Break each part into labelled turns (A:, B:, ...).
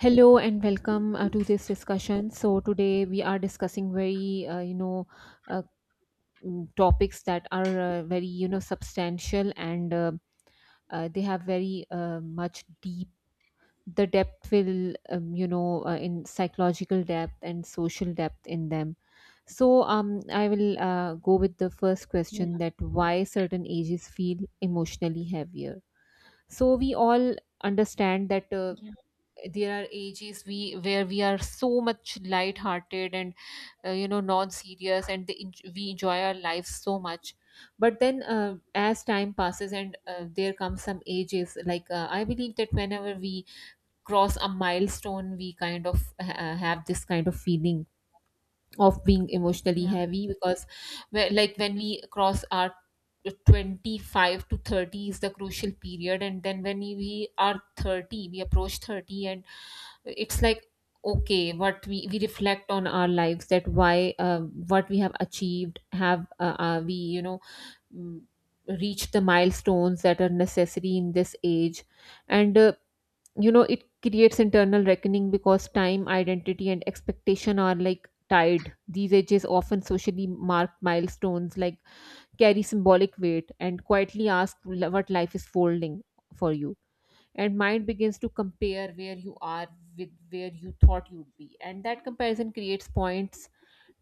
A: Hello and welcome to this discussion. So today we are discussing very you know uh, mm, topics that are very substantial and they have very much deep the depth will you know in psychological depth and social depth in them. So um I will go with the first
B: Yeah,
A: question, that why certain ages feel emotionally heavier. So we all understand that
B: yeah,
A: there are ages we where we are so much light-hearted and non-serious, and we enjoy our lives so much. But then as time passes and there come some ages, like I believe that whenever we cross a milestone, we kind of have this kind of feeling of being emotionally
B: yeah,
A: heavy. Because like when we cross our 25 to 30 is the crucial period, and then when we are 30, we approach 30 and it's like, okay, we reflect on our lives, that why what we have achieved, have we mm, reached the milestones that are necessary in this age. And you know, it creates internal reckoning, because time, identity and expectation are like tied. These ages, often socially marked milestones, like, carry symbolic weight and quietly ask what life is folding for you, and mind begins to compare where you are with where you thought you'd be, and that comparison creates points.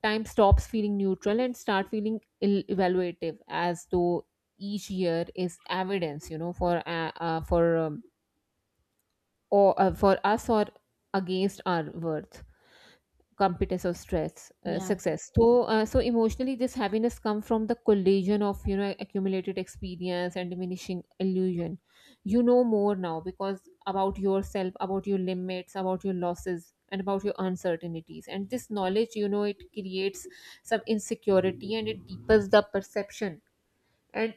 A: Time stops feeling neutral and start feeling evaluative, as though each year is evidence, you know, for us or against our worth, competence or stress
B: yeah,
A: success. So so emotionally, this happiness comes from the collision of, you know, accumulated experience and diminishing illusion. You know more now, because about yourself, about your limits, about your losses and about your uncertainties. And this knowledge, you know, it creates some insecurity and it deepens the perception, and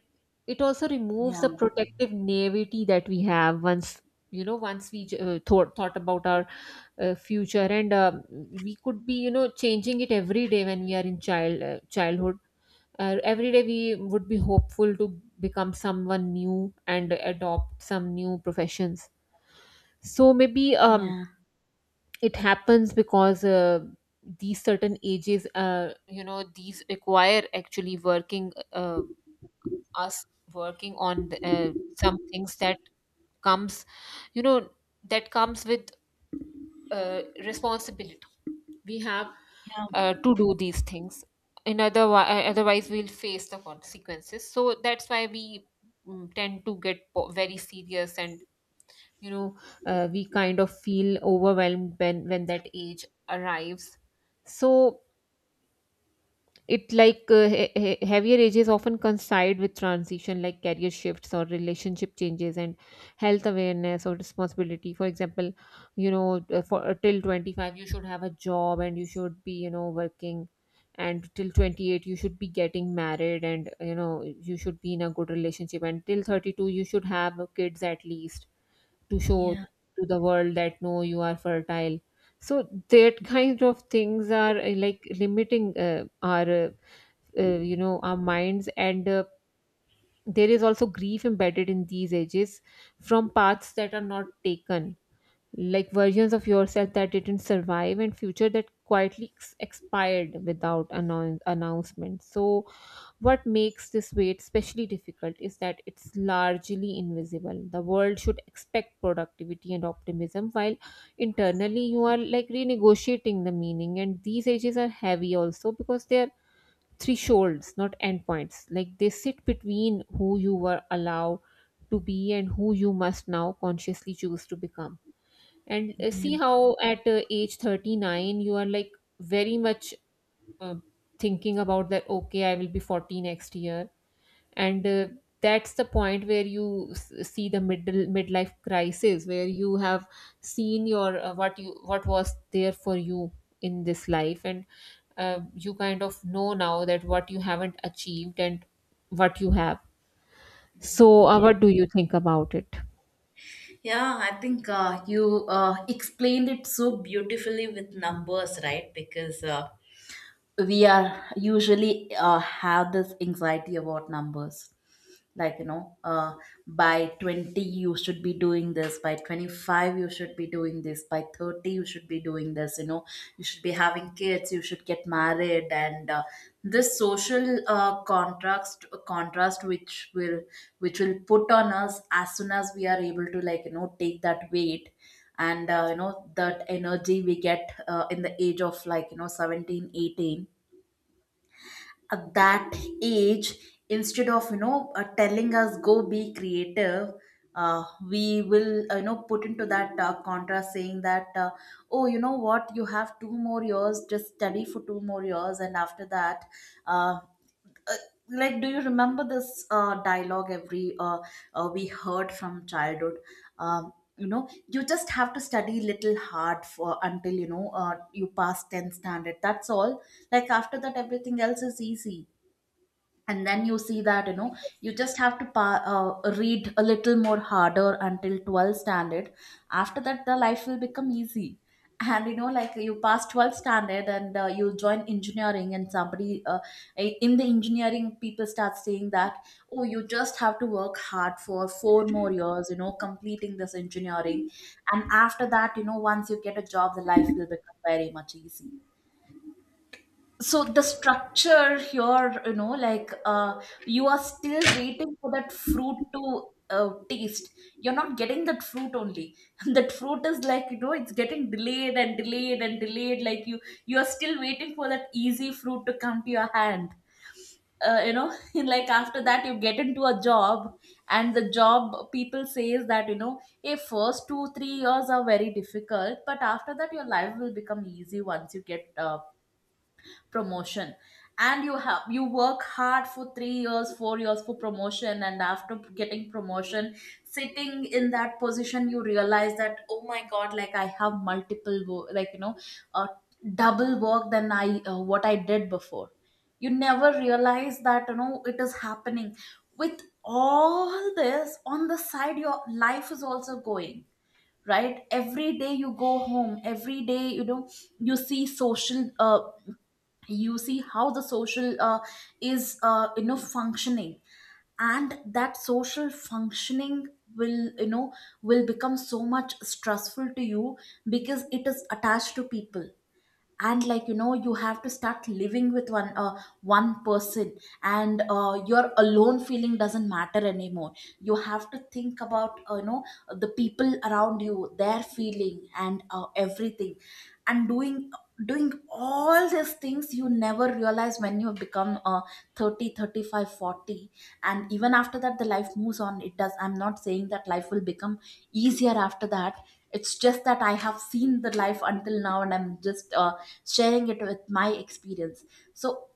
A: it also removes
B: yeah,
A: the protective naivety that we have once, you know, once we thought about our future. And we could be, you know, changing it every day when we are in childhood. Every day we would be hopeful to become someone new and adopt some new professions. So maybe
B: yeah,
A: it happens because these certain ages, you know, these require actually working, us working on the, some things that comes, you know, that comes with responsibility. We have
B: yeah,
A: to do these things. In otherwise we'll face the consequences. So that's why we, tend to get very serious and, you know, we kind of feel overwhelmed when that age arrives. So it like heavier ages often coincide with transition, like career shifts or relationship changes and health awareness or responsibility. For example, you know, for till 25 you should have a job and you should be, you know, working, and till 28 you should be getting married, and you know, you should be in a good relationship, and till 32 you should have kids at least, to show
B: yeah,
A: to the world that no, you are fertile. So that kind of things are like limiting our you know, our minds. And there is also grief embedded in these edges, from paths that are not taken, like versions of yourself that didn't survive, and future that quietly expired without announcement. So what makes this wait especially difficult is that it's largely invisible. The world should expect productivity and optimism, while internally you are like renegotiating the meaning. And these ages are heavy also because they are thresholds, not endpoints. Like, they sit between who you were allowed to be and who you must now consciously choose to become. And
B: yeah,
A: see how at age 39, you are like very much uh, thinking about that, okay, I will be 40 next year and that's the point where you see the middle midlife crisis, where you have seen your what was there for you in this life, and you kind of know now that what you haven't achieved and what you have. So
B: yeah.
A: what do you think about it?
B: Yeah, I think you explained it so beautifully with numbers, right? Because we are usually have this anxiety about numbers, like, by 20 you should be doing this, by 25 you should be doing this, by 30 you should be doing this, you should be having kids, you should get married, and this social contrast which will put on us as soon as we are able to, like, take that weight. And that energy we get in the age of, like, 17 18. At that age, instead of, telling us go be creative, uh, we will, put into that contrast, saying that, oh, you know what, you have 2 more years, just study for 2 more years, and after that. uh, uh, like, do you remember this dialogue every we heard from childhood? um, you know, you just have to study little hard for until, you pass 10th standard, that's all. Like, after that everything else is easy. And then you see that, you just have to read a little more harder until 12th standard. After that the life will become easy. And, like, you pass 12th standard and you join engineering, and somebody in the engineering people start saying that, oh, you just have to work hard for 4 more years, completing this engineering, and after that, once you get a job the life will become very much easy. So the structure here, like, you are still waiting for that fruit to taste. You're not getting that fruit only. That fruit is, like, it's getting delayed and delayed and delayed. Like, you are still waiting for that easy fruit to come to your hand, uh, you know like after that you get into a job, and the job people says that, a first 2 3 years are very difficult but after that your life will become easy once you get promotion. And you work hard for 3 years 4 years for promotion, and after getting promotion, sitting in that position, you realize that, oh my god, like I have multiple wo- like you know uh, double work than I what I did before. You never realize that, it is happening. With all this on the side, your life is also going. Right, every day you go home, every day, you see social you see how the social is, functioning. And that social functioning will you know will become so much stressful to you, because it is attached to people. And, like, you have to start living with one person. And your alone feeling doesn't matter anymore. You have to think about, the people around you, their feeling and everything. And doing all these things, you never realize when you become 30, 35, 40, and even after that the life moves on, it does. I'm not saying that life will become easier after that, it's just that I have seen the life until now and I'm just sharing it with my experience. So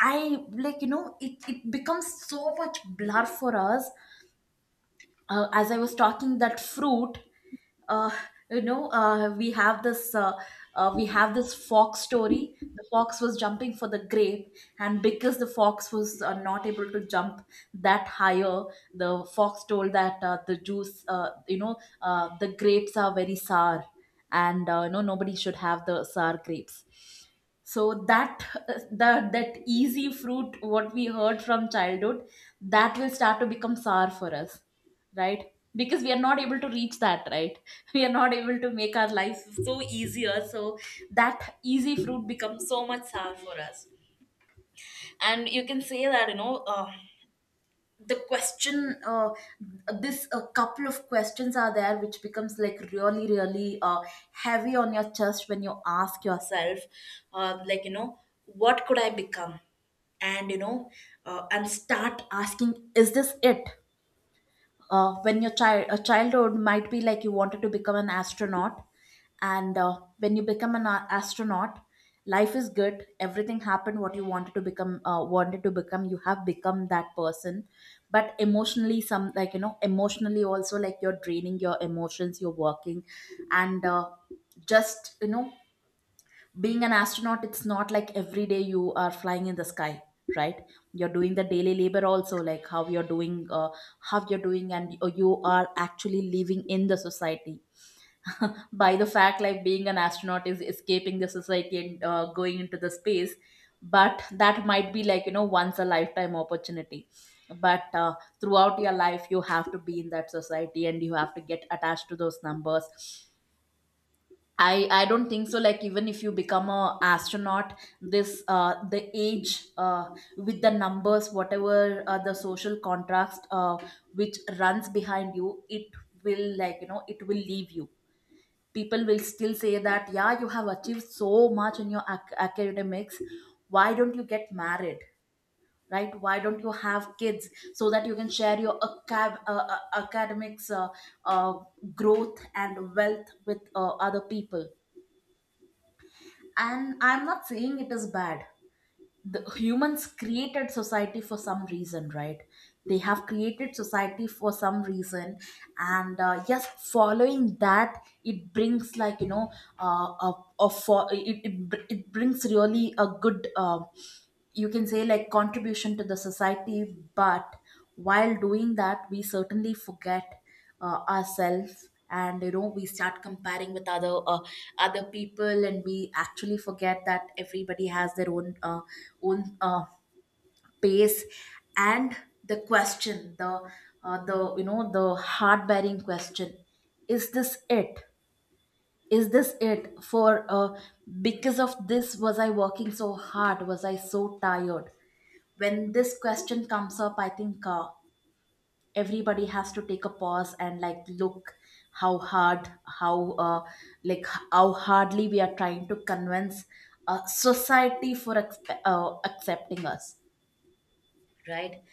B: I, like, it becomes so much blur for us. As I was talking that fruit, uh, you know, uh, we have this uh, we have this fox story. The fox was jumping for the grape, and because the fox was not able to jump that higher, the fox told that, the juice, you know, the grapes are very sour, and, nobody should have the sour grapes. So that easy fruit what we heard from childhood, that will start to become sour for us, right? Because we are not able to reach that, right? We are not able to make our life so easier, so that easy fruit becomes so much sour for us. And you can say that, the question, this a couple of questions are there which becomes, like, really really heavy on your chest when you ask yourself, like, what could I become? And and start asking, is this it? When your child a childhood might be, like, you wanted to become an astronaut, and when you become an astronaut, life is good, everything happened what you wanted to become, you have become that person. But emotionally, some, like, emotionally also, like, you're draining your emotions, you're working, and, just you know being an astronaut, it's not like every day you are flying in the sky, right? You're doing the daily labor also, like, how you're doing, and you are actually living in the society, by the fact, like, being an astronaut is escaping the society and going into the space. But that might be, like, once a lifetime opportunity. But throughout your life you have to be in that society and you have to get attached to those numbers. I don't think so. Like, even if you become a astronaut, this, the age, with the numbers, whatever the social contrast which runs behind you, it will leave you. People will still say that, yeah, you have achieved so much in your academics. Why don't you get married? Right? Why don't you have kids so that you can share your academics uh, growth and wealth with other people? And I'm not saying it is bad. The humans created society for some reason, right? They have created society for some reason. And, yes, following that, it brings, like, uh, a, a for, it, br- it brings really a good, you can say, like, contribution to the society. But while doing that we certainly forget ourselves, and, we start comparing with other people, and we actually forget that everybody has their own pace. And the question, the you know the heart bearing question, is this it? Is this it for because of this was I working so hard, was I so tired? When this question comes up, I think everybody has to take a pause and, like, look how hard, how like, how hardly we are trying to convince a society for accepting us, right?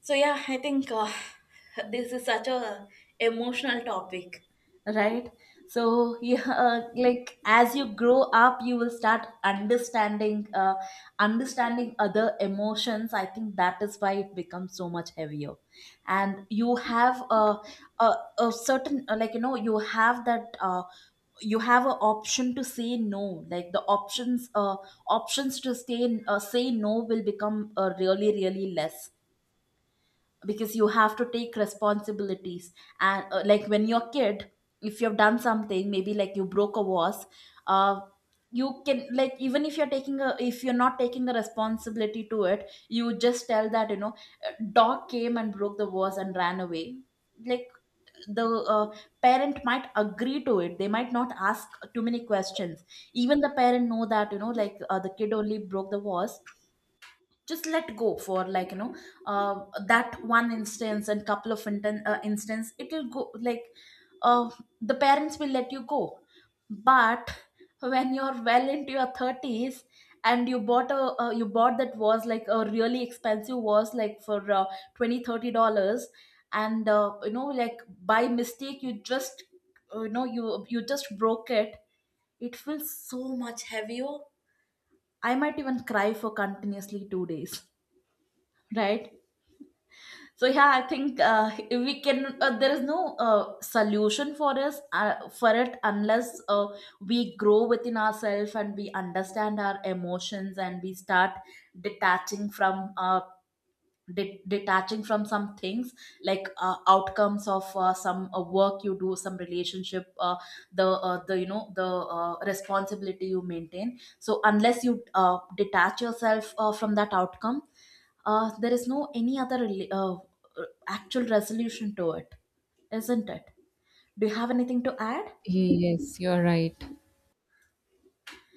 B: So yeah, I think this is such a emotional topic. Right? So yeah, like, as you grow up you will start understanding other emotions. I think that is why it becomes so much heavier, and you have a, a certain, like, you have an option to say no. Like, the options to stay say no will become really really less, because you have to take responsibilities. And, like, when you're a kid, if you've done something, maybe, like, you broke a vase, uh you can, like, even if you're not taking a responsibility to it, you just tell that, dog came and broke the vase and ran away. Like, the parent might agree to it, they might not ask too many questions. Even the parent know that, the kid only broke the vase, just let go for, like, that one instance. And couple of instance it will go, like, uh, the parents will let you go. But when you're well into your 30s and you bought a you bought that was, like, a really expensive, was, like, for 20 $30, and, like, by mistake you just, you just broke it, it feels so much heavier. I might even cry for continuously 2 days, right? So yeah, I think we can there is no solution for us for it, unless we grow within ourselves and we understand our emotions, and we start detaching from our detaching from some things, like, outcomes of some work you do, some relationship, the responsibility you maintain. So unless you detach yourself from that outcome, there is no any other actual resolution to it, isn't it? Do you have anything to add?
A: Yes, you're right.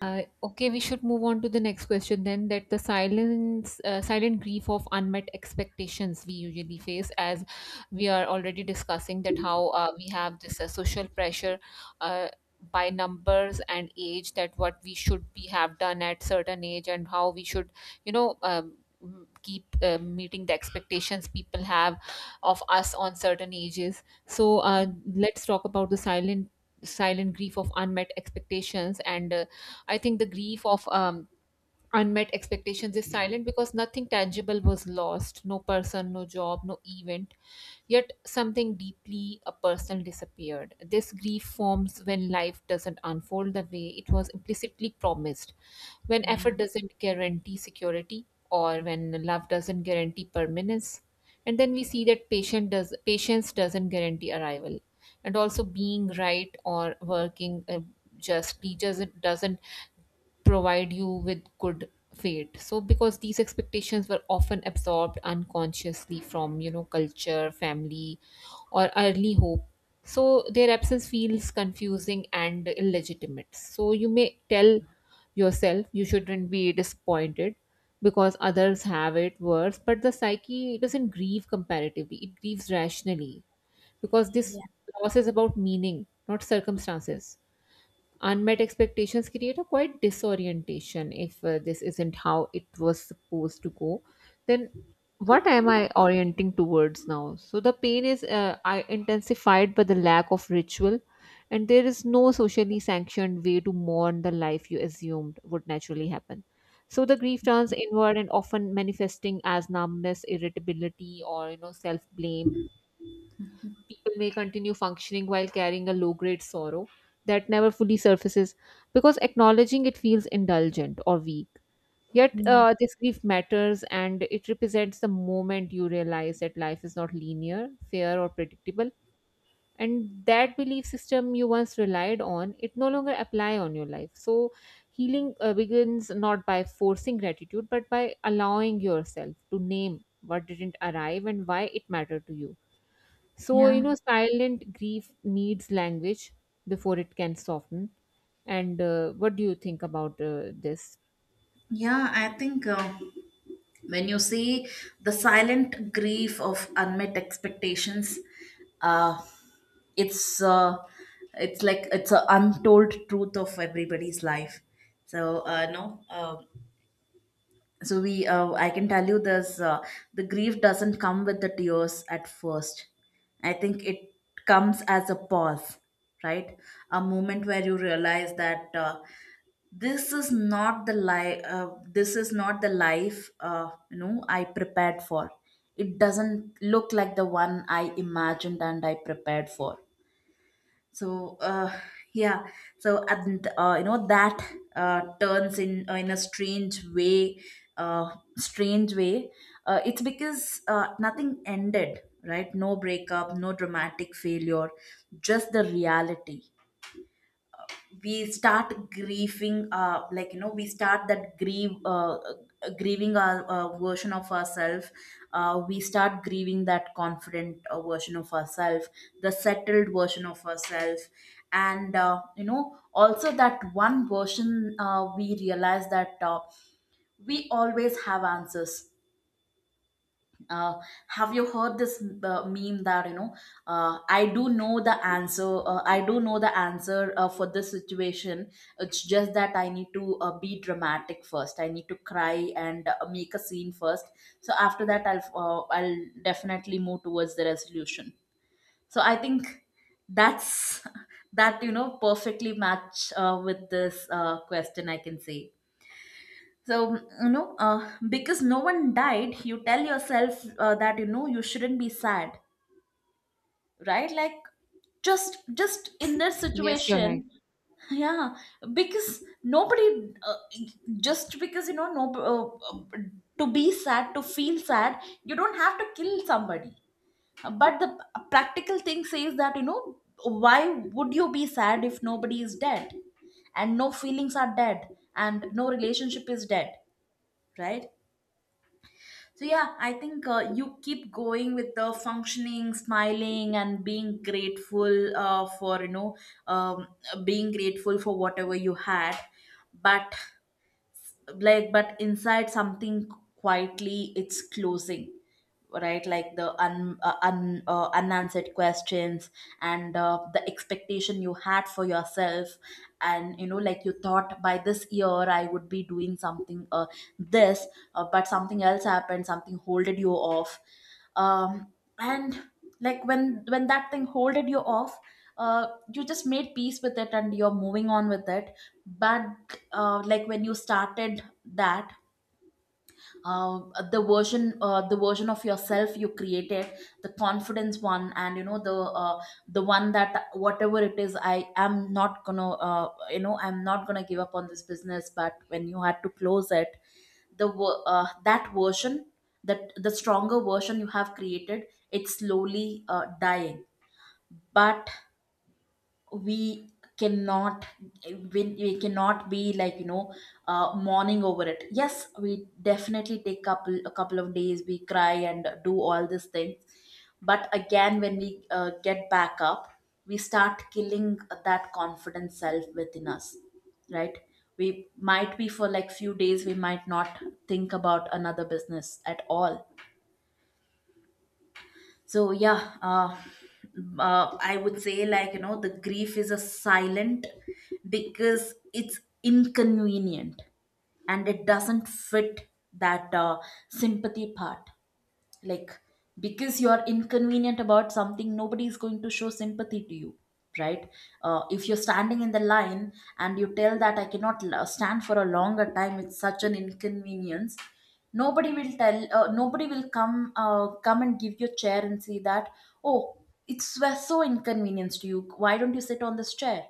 A: Okay, we should move on to the next question then. That the silent grief of unmet expectations we usually face. As we are already discussing that how we have this social pressure uh, by numbers and age, that what we should be have done at certain age and how we should, you know. Keep meeting the expectations people have of us on certain ages. So let's talk about the silent grief of unmet expectations. And I think the grief of unmet expectations is silent because nothing tangible was lost: no person, no job, no event, yet something deeply a personal disappeared. This grief forms when life doesn't unfold the way it was implicitly promised, when
B: Yeah.
A: effort doesn't guarantee security, or when love doesn't guarantee permanence. And then we see that patience doesn't guarantee arrival. And also, being right or working justly doesn't provide you with good fate. So, because these expectations were often absorbed unconsciously from, you know, culture, family or early hope, so their absence feels confusing and illegitimate. So you may tell yourself you shouldn't be disappointed because others have it worse, but the psyche doesn't grieve comparatively, it grieves rationally, because this
B: yeah
A: loss is about meaning, not circumstances. Unmet expectations create a quite disorientation. If this isn't how it was supposed to go, then what am I orienting towards now? So the pain is intensified by the lack of ritual, and there is no socially sanctioned way to mourn the life you assumed would naturally happen. So the grief turns inward and often manifesting as numbness, irritability or, you know, self blame. People may continue functioning while carrying a low grade sorrow that never fully surfaces, because acknowledging it feels indulgent or weak. Yet,
B: yeah
A: this grief matters and it represents the moment you realize that life is not linear, fair, or predictable. And that belief system you once relied on, it no longer apply on your life. So, healing begins not by forcing gratitude, but by allowing yourself to name what didn't arrive and why it mattered to you. So, you
B: Yeah,
A: know, silent grief needs language before it can soften. And what do you think about this?
B: Yeah, I think when you see the silent grief of unmet expectations, uh, it's uh, it's like it's an untold truth of everybody's life. So no so we I can tell you this: the grief doesn't come with the tears at first. I think it comes as a pause, right? A moment where you realize that this is not the life this is not the life, you know, I prepared for. It doesn't look like the one I imagined and I prepared for. So uh, yeah so and you know that turns in a uh, strange way. It's because nothing ended, right? No breakup, no dramatic failure, just the reality. We start grieving, like you know, we start that grieve grieving our version of ourselves. We start grieving that confident version of ourselves, the settled version of ourselves. And you know, also that one version, we realize that we always have answers. uh, have you heard this meme that, you know, I do know the answer I do know the answer for this situation, it's just that I need to be dramatic first, I need to cry and make a scene first, so after that I'll definitely move towards the resolution. So I think that's that, you know, perfectly match with this question, I can say. So, you know, because no one died, you tell yourself that, you know, you shouldn't be sad, right? Like, just in this
A: Yes, you're right.
B: situation, yeah, because just because, you know, no, to be sad, to feel sad, you don't have to kill somebody. But the practical thing says that, you know, why would you be sad if nobody is dead? And no feelings are dead, and no relationship is dead, right? So yeah, I think you keep going with the functioning, smiling, and being grateful for you know um, being grateful for whatever you had. But but inside something quietly it's closing, right? Like the un, un unanswered questions and the expectation you had for yourself. And you know, like, you thought by this year I would be doing something this but something else happened, something holded you off. Um and Like when that thing holded you off, uh, you just made peace with it and you're moving on with it. But like when you started that uh, the version of yourself you created, the confidence one, and you know, the one that, whatever it is, I am not gonna, I'm not gonna give up on this business. But when you had to close it, that version, that the stronger version you have created, it's slowly dying. But we cannot we cannot be like, you know, mourning over it. Yes, we definitely take couple of days, we cry and do all these things. But again, when we get back up, we start killing that confident self within us, right? We might be for like few days we might not think about another business at all. So yeah, I would say, like, you know, the grief is a silent because it's inconvenient and it doesn't fit that sympathy part, like, because you're inconvenient about something, nobody is going to show sympathy to you, right? If you're standing in the line and you tell that I cannot stand for a longer time, it's such an inconvenience, nobody will come and give you a chair and say that, oh, it's we're so inconvenienced to you, why don't you sit on this chair.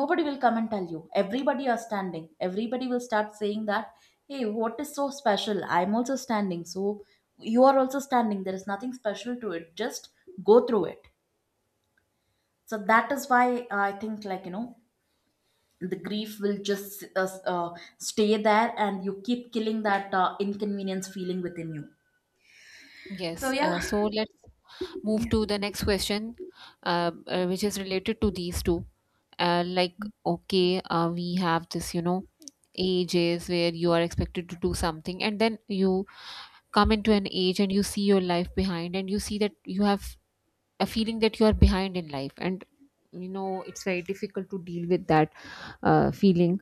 B: Nobody will come and tell you, everybody are standing, everybody will start saying that, hey, what is so special? I'm also standing, so you are also standing. There is nothing special to it. Just go through it. So that is why I think, like, you know, the grief will just stay there and you keep killing that inconvenience feeling within you. So,
A: Yes.
B: yeah.
A: So let's move
B: Yeah.
A: to the next question, which is related to these two. Like, okay, we have this, you know, ages where you are expected to do something, and then you come into an age and you see your life behind, and you see that you have a feeling that you are behind in life, and you know it's very difficult to deal with that feeling.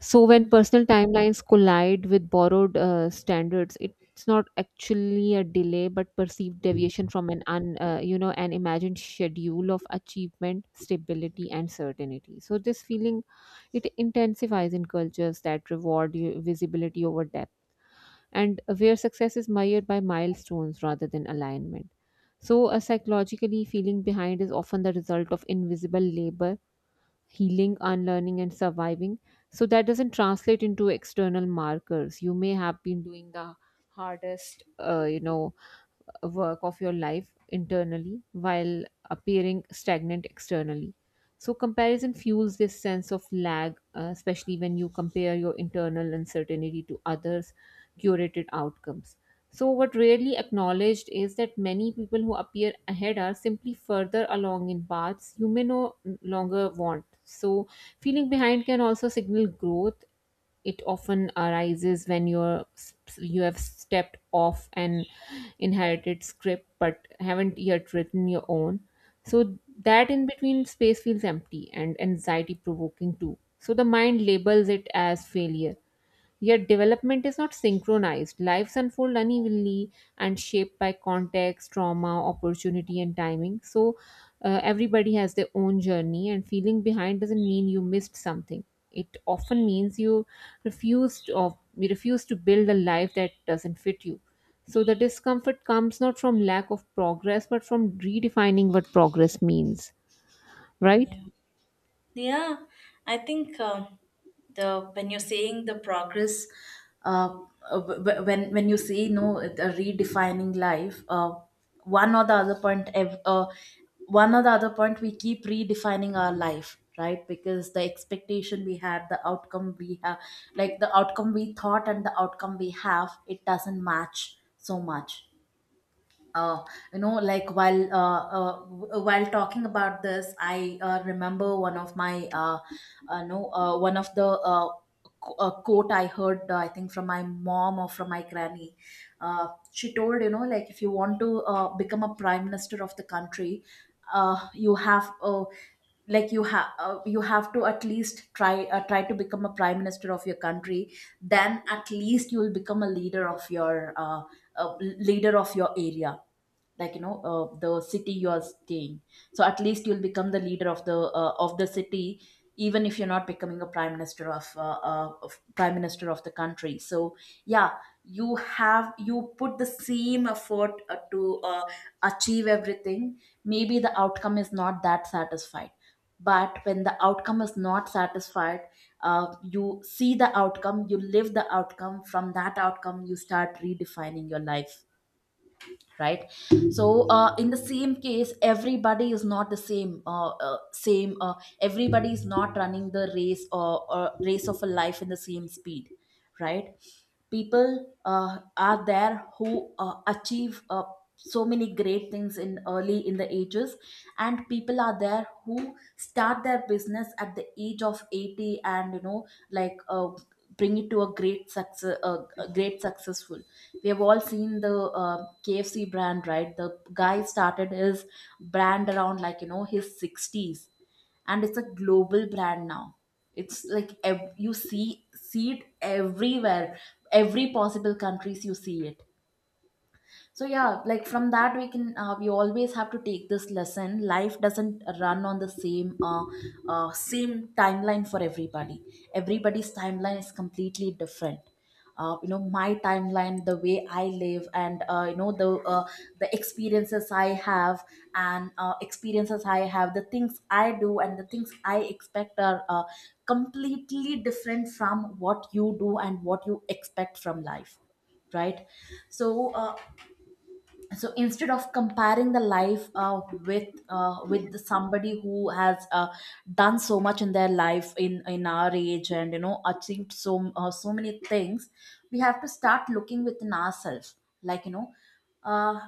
A: So when
B: Yeah.
A: personal timelines collide with borrowed standards, it's not actually a delay but perceived deviation from an you know, an imagined schedule of achievement, stability and certainty. So this feeling, it intensifies in cultures that reward you visibility over depth, and where success is measured by milestones rather than alignment. So, a psychologically feeling behind is often the result of invisible labor, healing, unlearning, and surviving. So, that doesn't translate into external markers. You may have been doing the hardest, you know, work of your life internally while appearing stagnant externally. So, comparison fuels this sense of lag, especially when you compare your internal uncertainty to others' curated outcomes. So, what rarely acknowledged is that many people who appear ahead are simply further along in paths you may no longer want. So, feeling behind can also signal growth. It often arises when you have stepped off an inherited script but haven't yet written your own. So that in between space feels empty and anxiety provoking too, so the mind labels it as failure. Yet development is not synchronized. Lives unfold unevenly, and shaped by context, trauma, opportunity, and timing. So everybody has their own journey, and feeling behind doesn't mean you missed something. It often means you refused or you refuse to build a life that doesn't fit you. So the discomfort comes not from lack of progress, but from redefining what progress means.
B: Mm,
A: Right?
B: yeah. Yeah, I think the when you're saying the progress, uh, when you say no a redefining life, one or the other point, ev- uh, one or the other point, we keep redefining our life, right? Because the expectation we had, the outcome we have, like the outcome we thought and the outcome we have, it doesn't match so much. uh, you know, like, while talking about this, I remember one of my no one of the quote I heard, I think from my mom or from my granny. She told, you know, like, if you want to become a prime minister of the country, you have like you have to at least try to become a prime minister of your country. Then at least you will become a uh, leader of your area, like, you know, the city you are staying. So at least you'll become the leader of the city, even if you're not becoming a prime minister of, prime minister of the country. So yeah, you have you put the same effort to achieve everything, maybe the outcome is not that satisfied. But when the outcome is not satisfied, you see the outcome, you live the outcome, from that outcome you start redefining your life, right? So in the same case, everybody is not the same, everybody is not running the race, or race of a life, in the same speed, right? People are there who achieve so many great things in early in the ages, and people are there who start their business at the age of 80 and you know, like, bring it to a great success, great successful. We have all seen the KFC brand, right? The guy started his brand around like, you know, his 60s, and it's a global brand now. It's like you see it everywhere, every possible countries you see it. So yeah, like, from that we can, we always have to take this lesson: life doesn't run on the same timeline for everybody. Everybody's timeline is completely different. You know, my timeline, the way I live, and you know, the experiences I have, and experiences I have, the things I do and the things I expect are completely different from what you do and what you expect from life, right? So uh, so instead of comparing the life with with somebody who has done so much in their life in our age and you know achieved so many things, we have to start looking within ourselves. Like, you know, uh,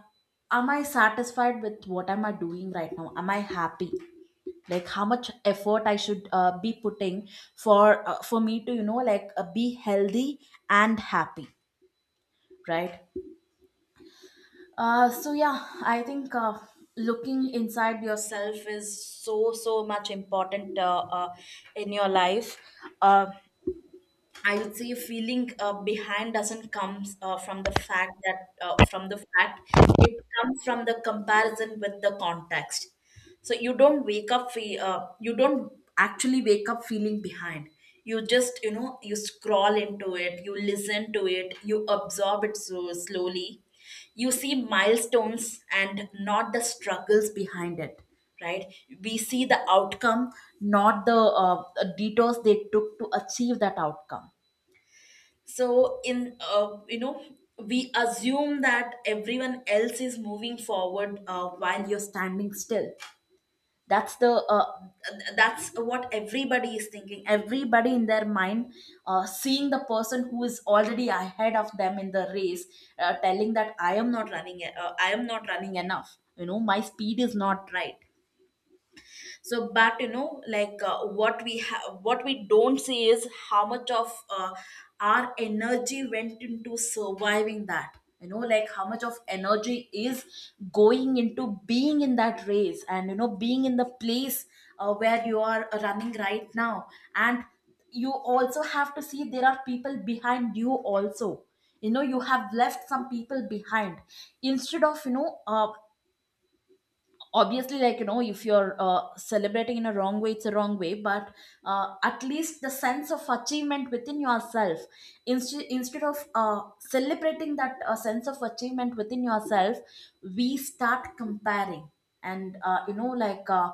B: am I satisfied with what am I doing right now, am I happy, like how much effort I should be putting for me to, you know, like, be healthy and happy, right? So yeah, I think looking inside yourself is so so much important in your life. Uh, I would say feeling behind doesn't come from the fact, it comes from the comparison with the context. So you don't wake up you don't actually wake up feeling behind. You just you know, you scroll into it, you listen to it, you absorb it so slowly, you see milestones and not the struggles behind it, right? We see the outcome, not the detours they took to achieve that outcome. So in you know, we assume that everyone else is moving forward while you're standing still. that's the uh, that's what everybody is thinking, everybody in their mind seeing the person who is already ahead of them in the race, telling that I am not I am not running enough, you know, my speed is not right. So but you know, like, what we have, what we don't see is how much of our energy went into surviving that, you know, like how much of energy is going into being in that race, and you know, being in the place where you are running right now. And you also have to see there are people behind you also, you know, you have left some people behind. Instead of, you know, obviously, like, you know, if you're celebrating in a wrong way, it's a wrong way, but at least the sense of achievement within yourself, instead of celebrating that sense of achievement within yourself, we start comparing. And you know, like,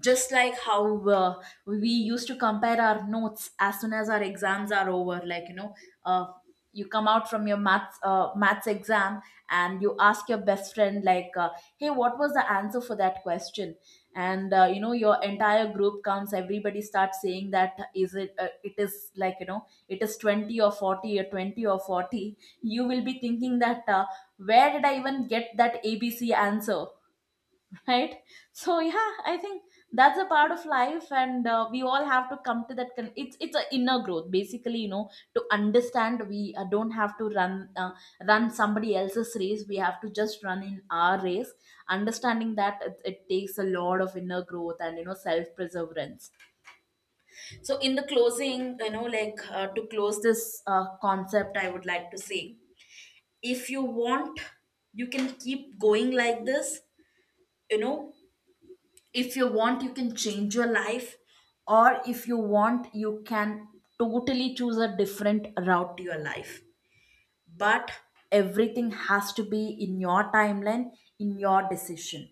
B: just like how we used to compare our notes as soon as our exams are over, like, you know, uh, you come out from your maths exam and you ask your best friend, like, hey, what was the answer for that question? And you know, your entire group comes, everybody starts saying that, is it it is like, you know, it is 20 or 40 or 20 or 40, you will be thinking that where did I even get that abc answer, right? So yeah, I think that's a part of life, and we all have to come to that it's an inner growth basically, you know, to understand we don't have to run somebody else's race, we have to just run in our race. Understanding that, it takes a lot of inner growth and, you know, self perseverance. So in the closing, you know, like, to close this concept, I would like to say, if you want you can keep going like this, you know, if you want you can change your life, or if you want you can totally choose a different route to your life, but everything has to be in your timeline, in your decision.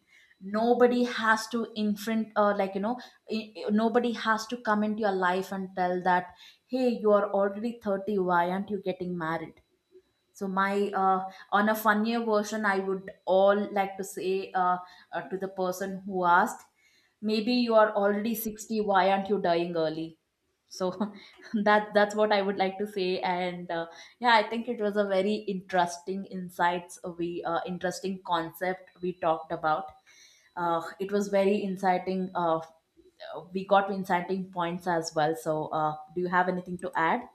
B: Nobody has to infront like, you know, nobody has to come into your life and tell that, hey, you are already 30, why aren't you getting married? So my on a funnier version, I would all like to say, to the person who asked, maybe you are already 60, why aren't you dying early? So that that's what I would like to say. And yeah, I think it was a very interesting insights we interesting concept we talked about. It was very inciting, we got inciting points as well. So do you have anything to add?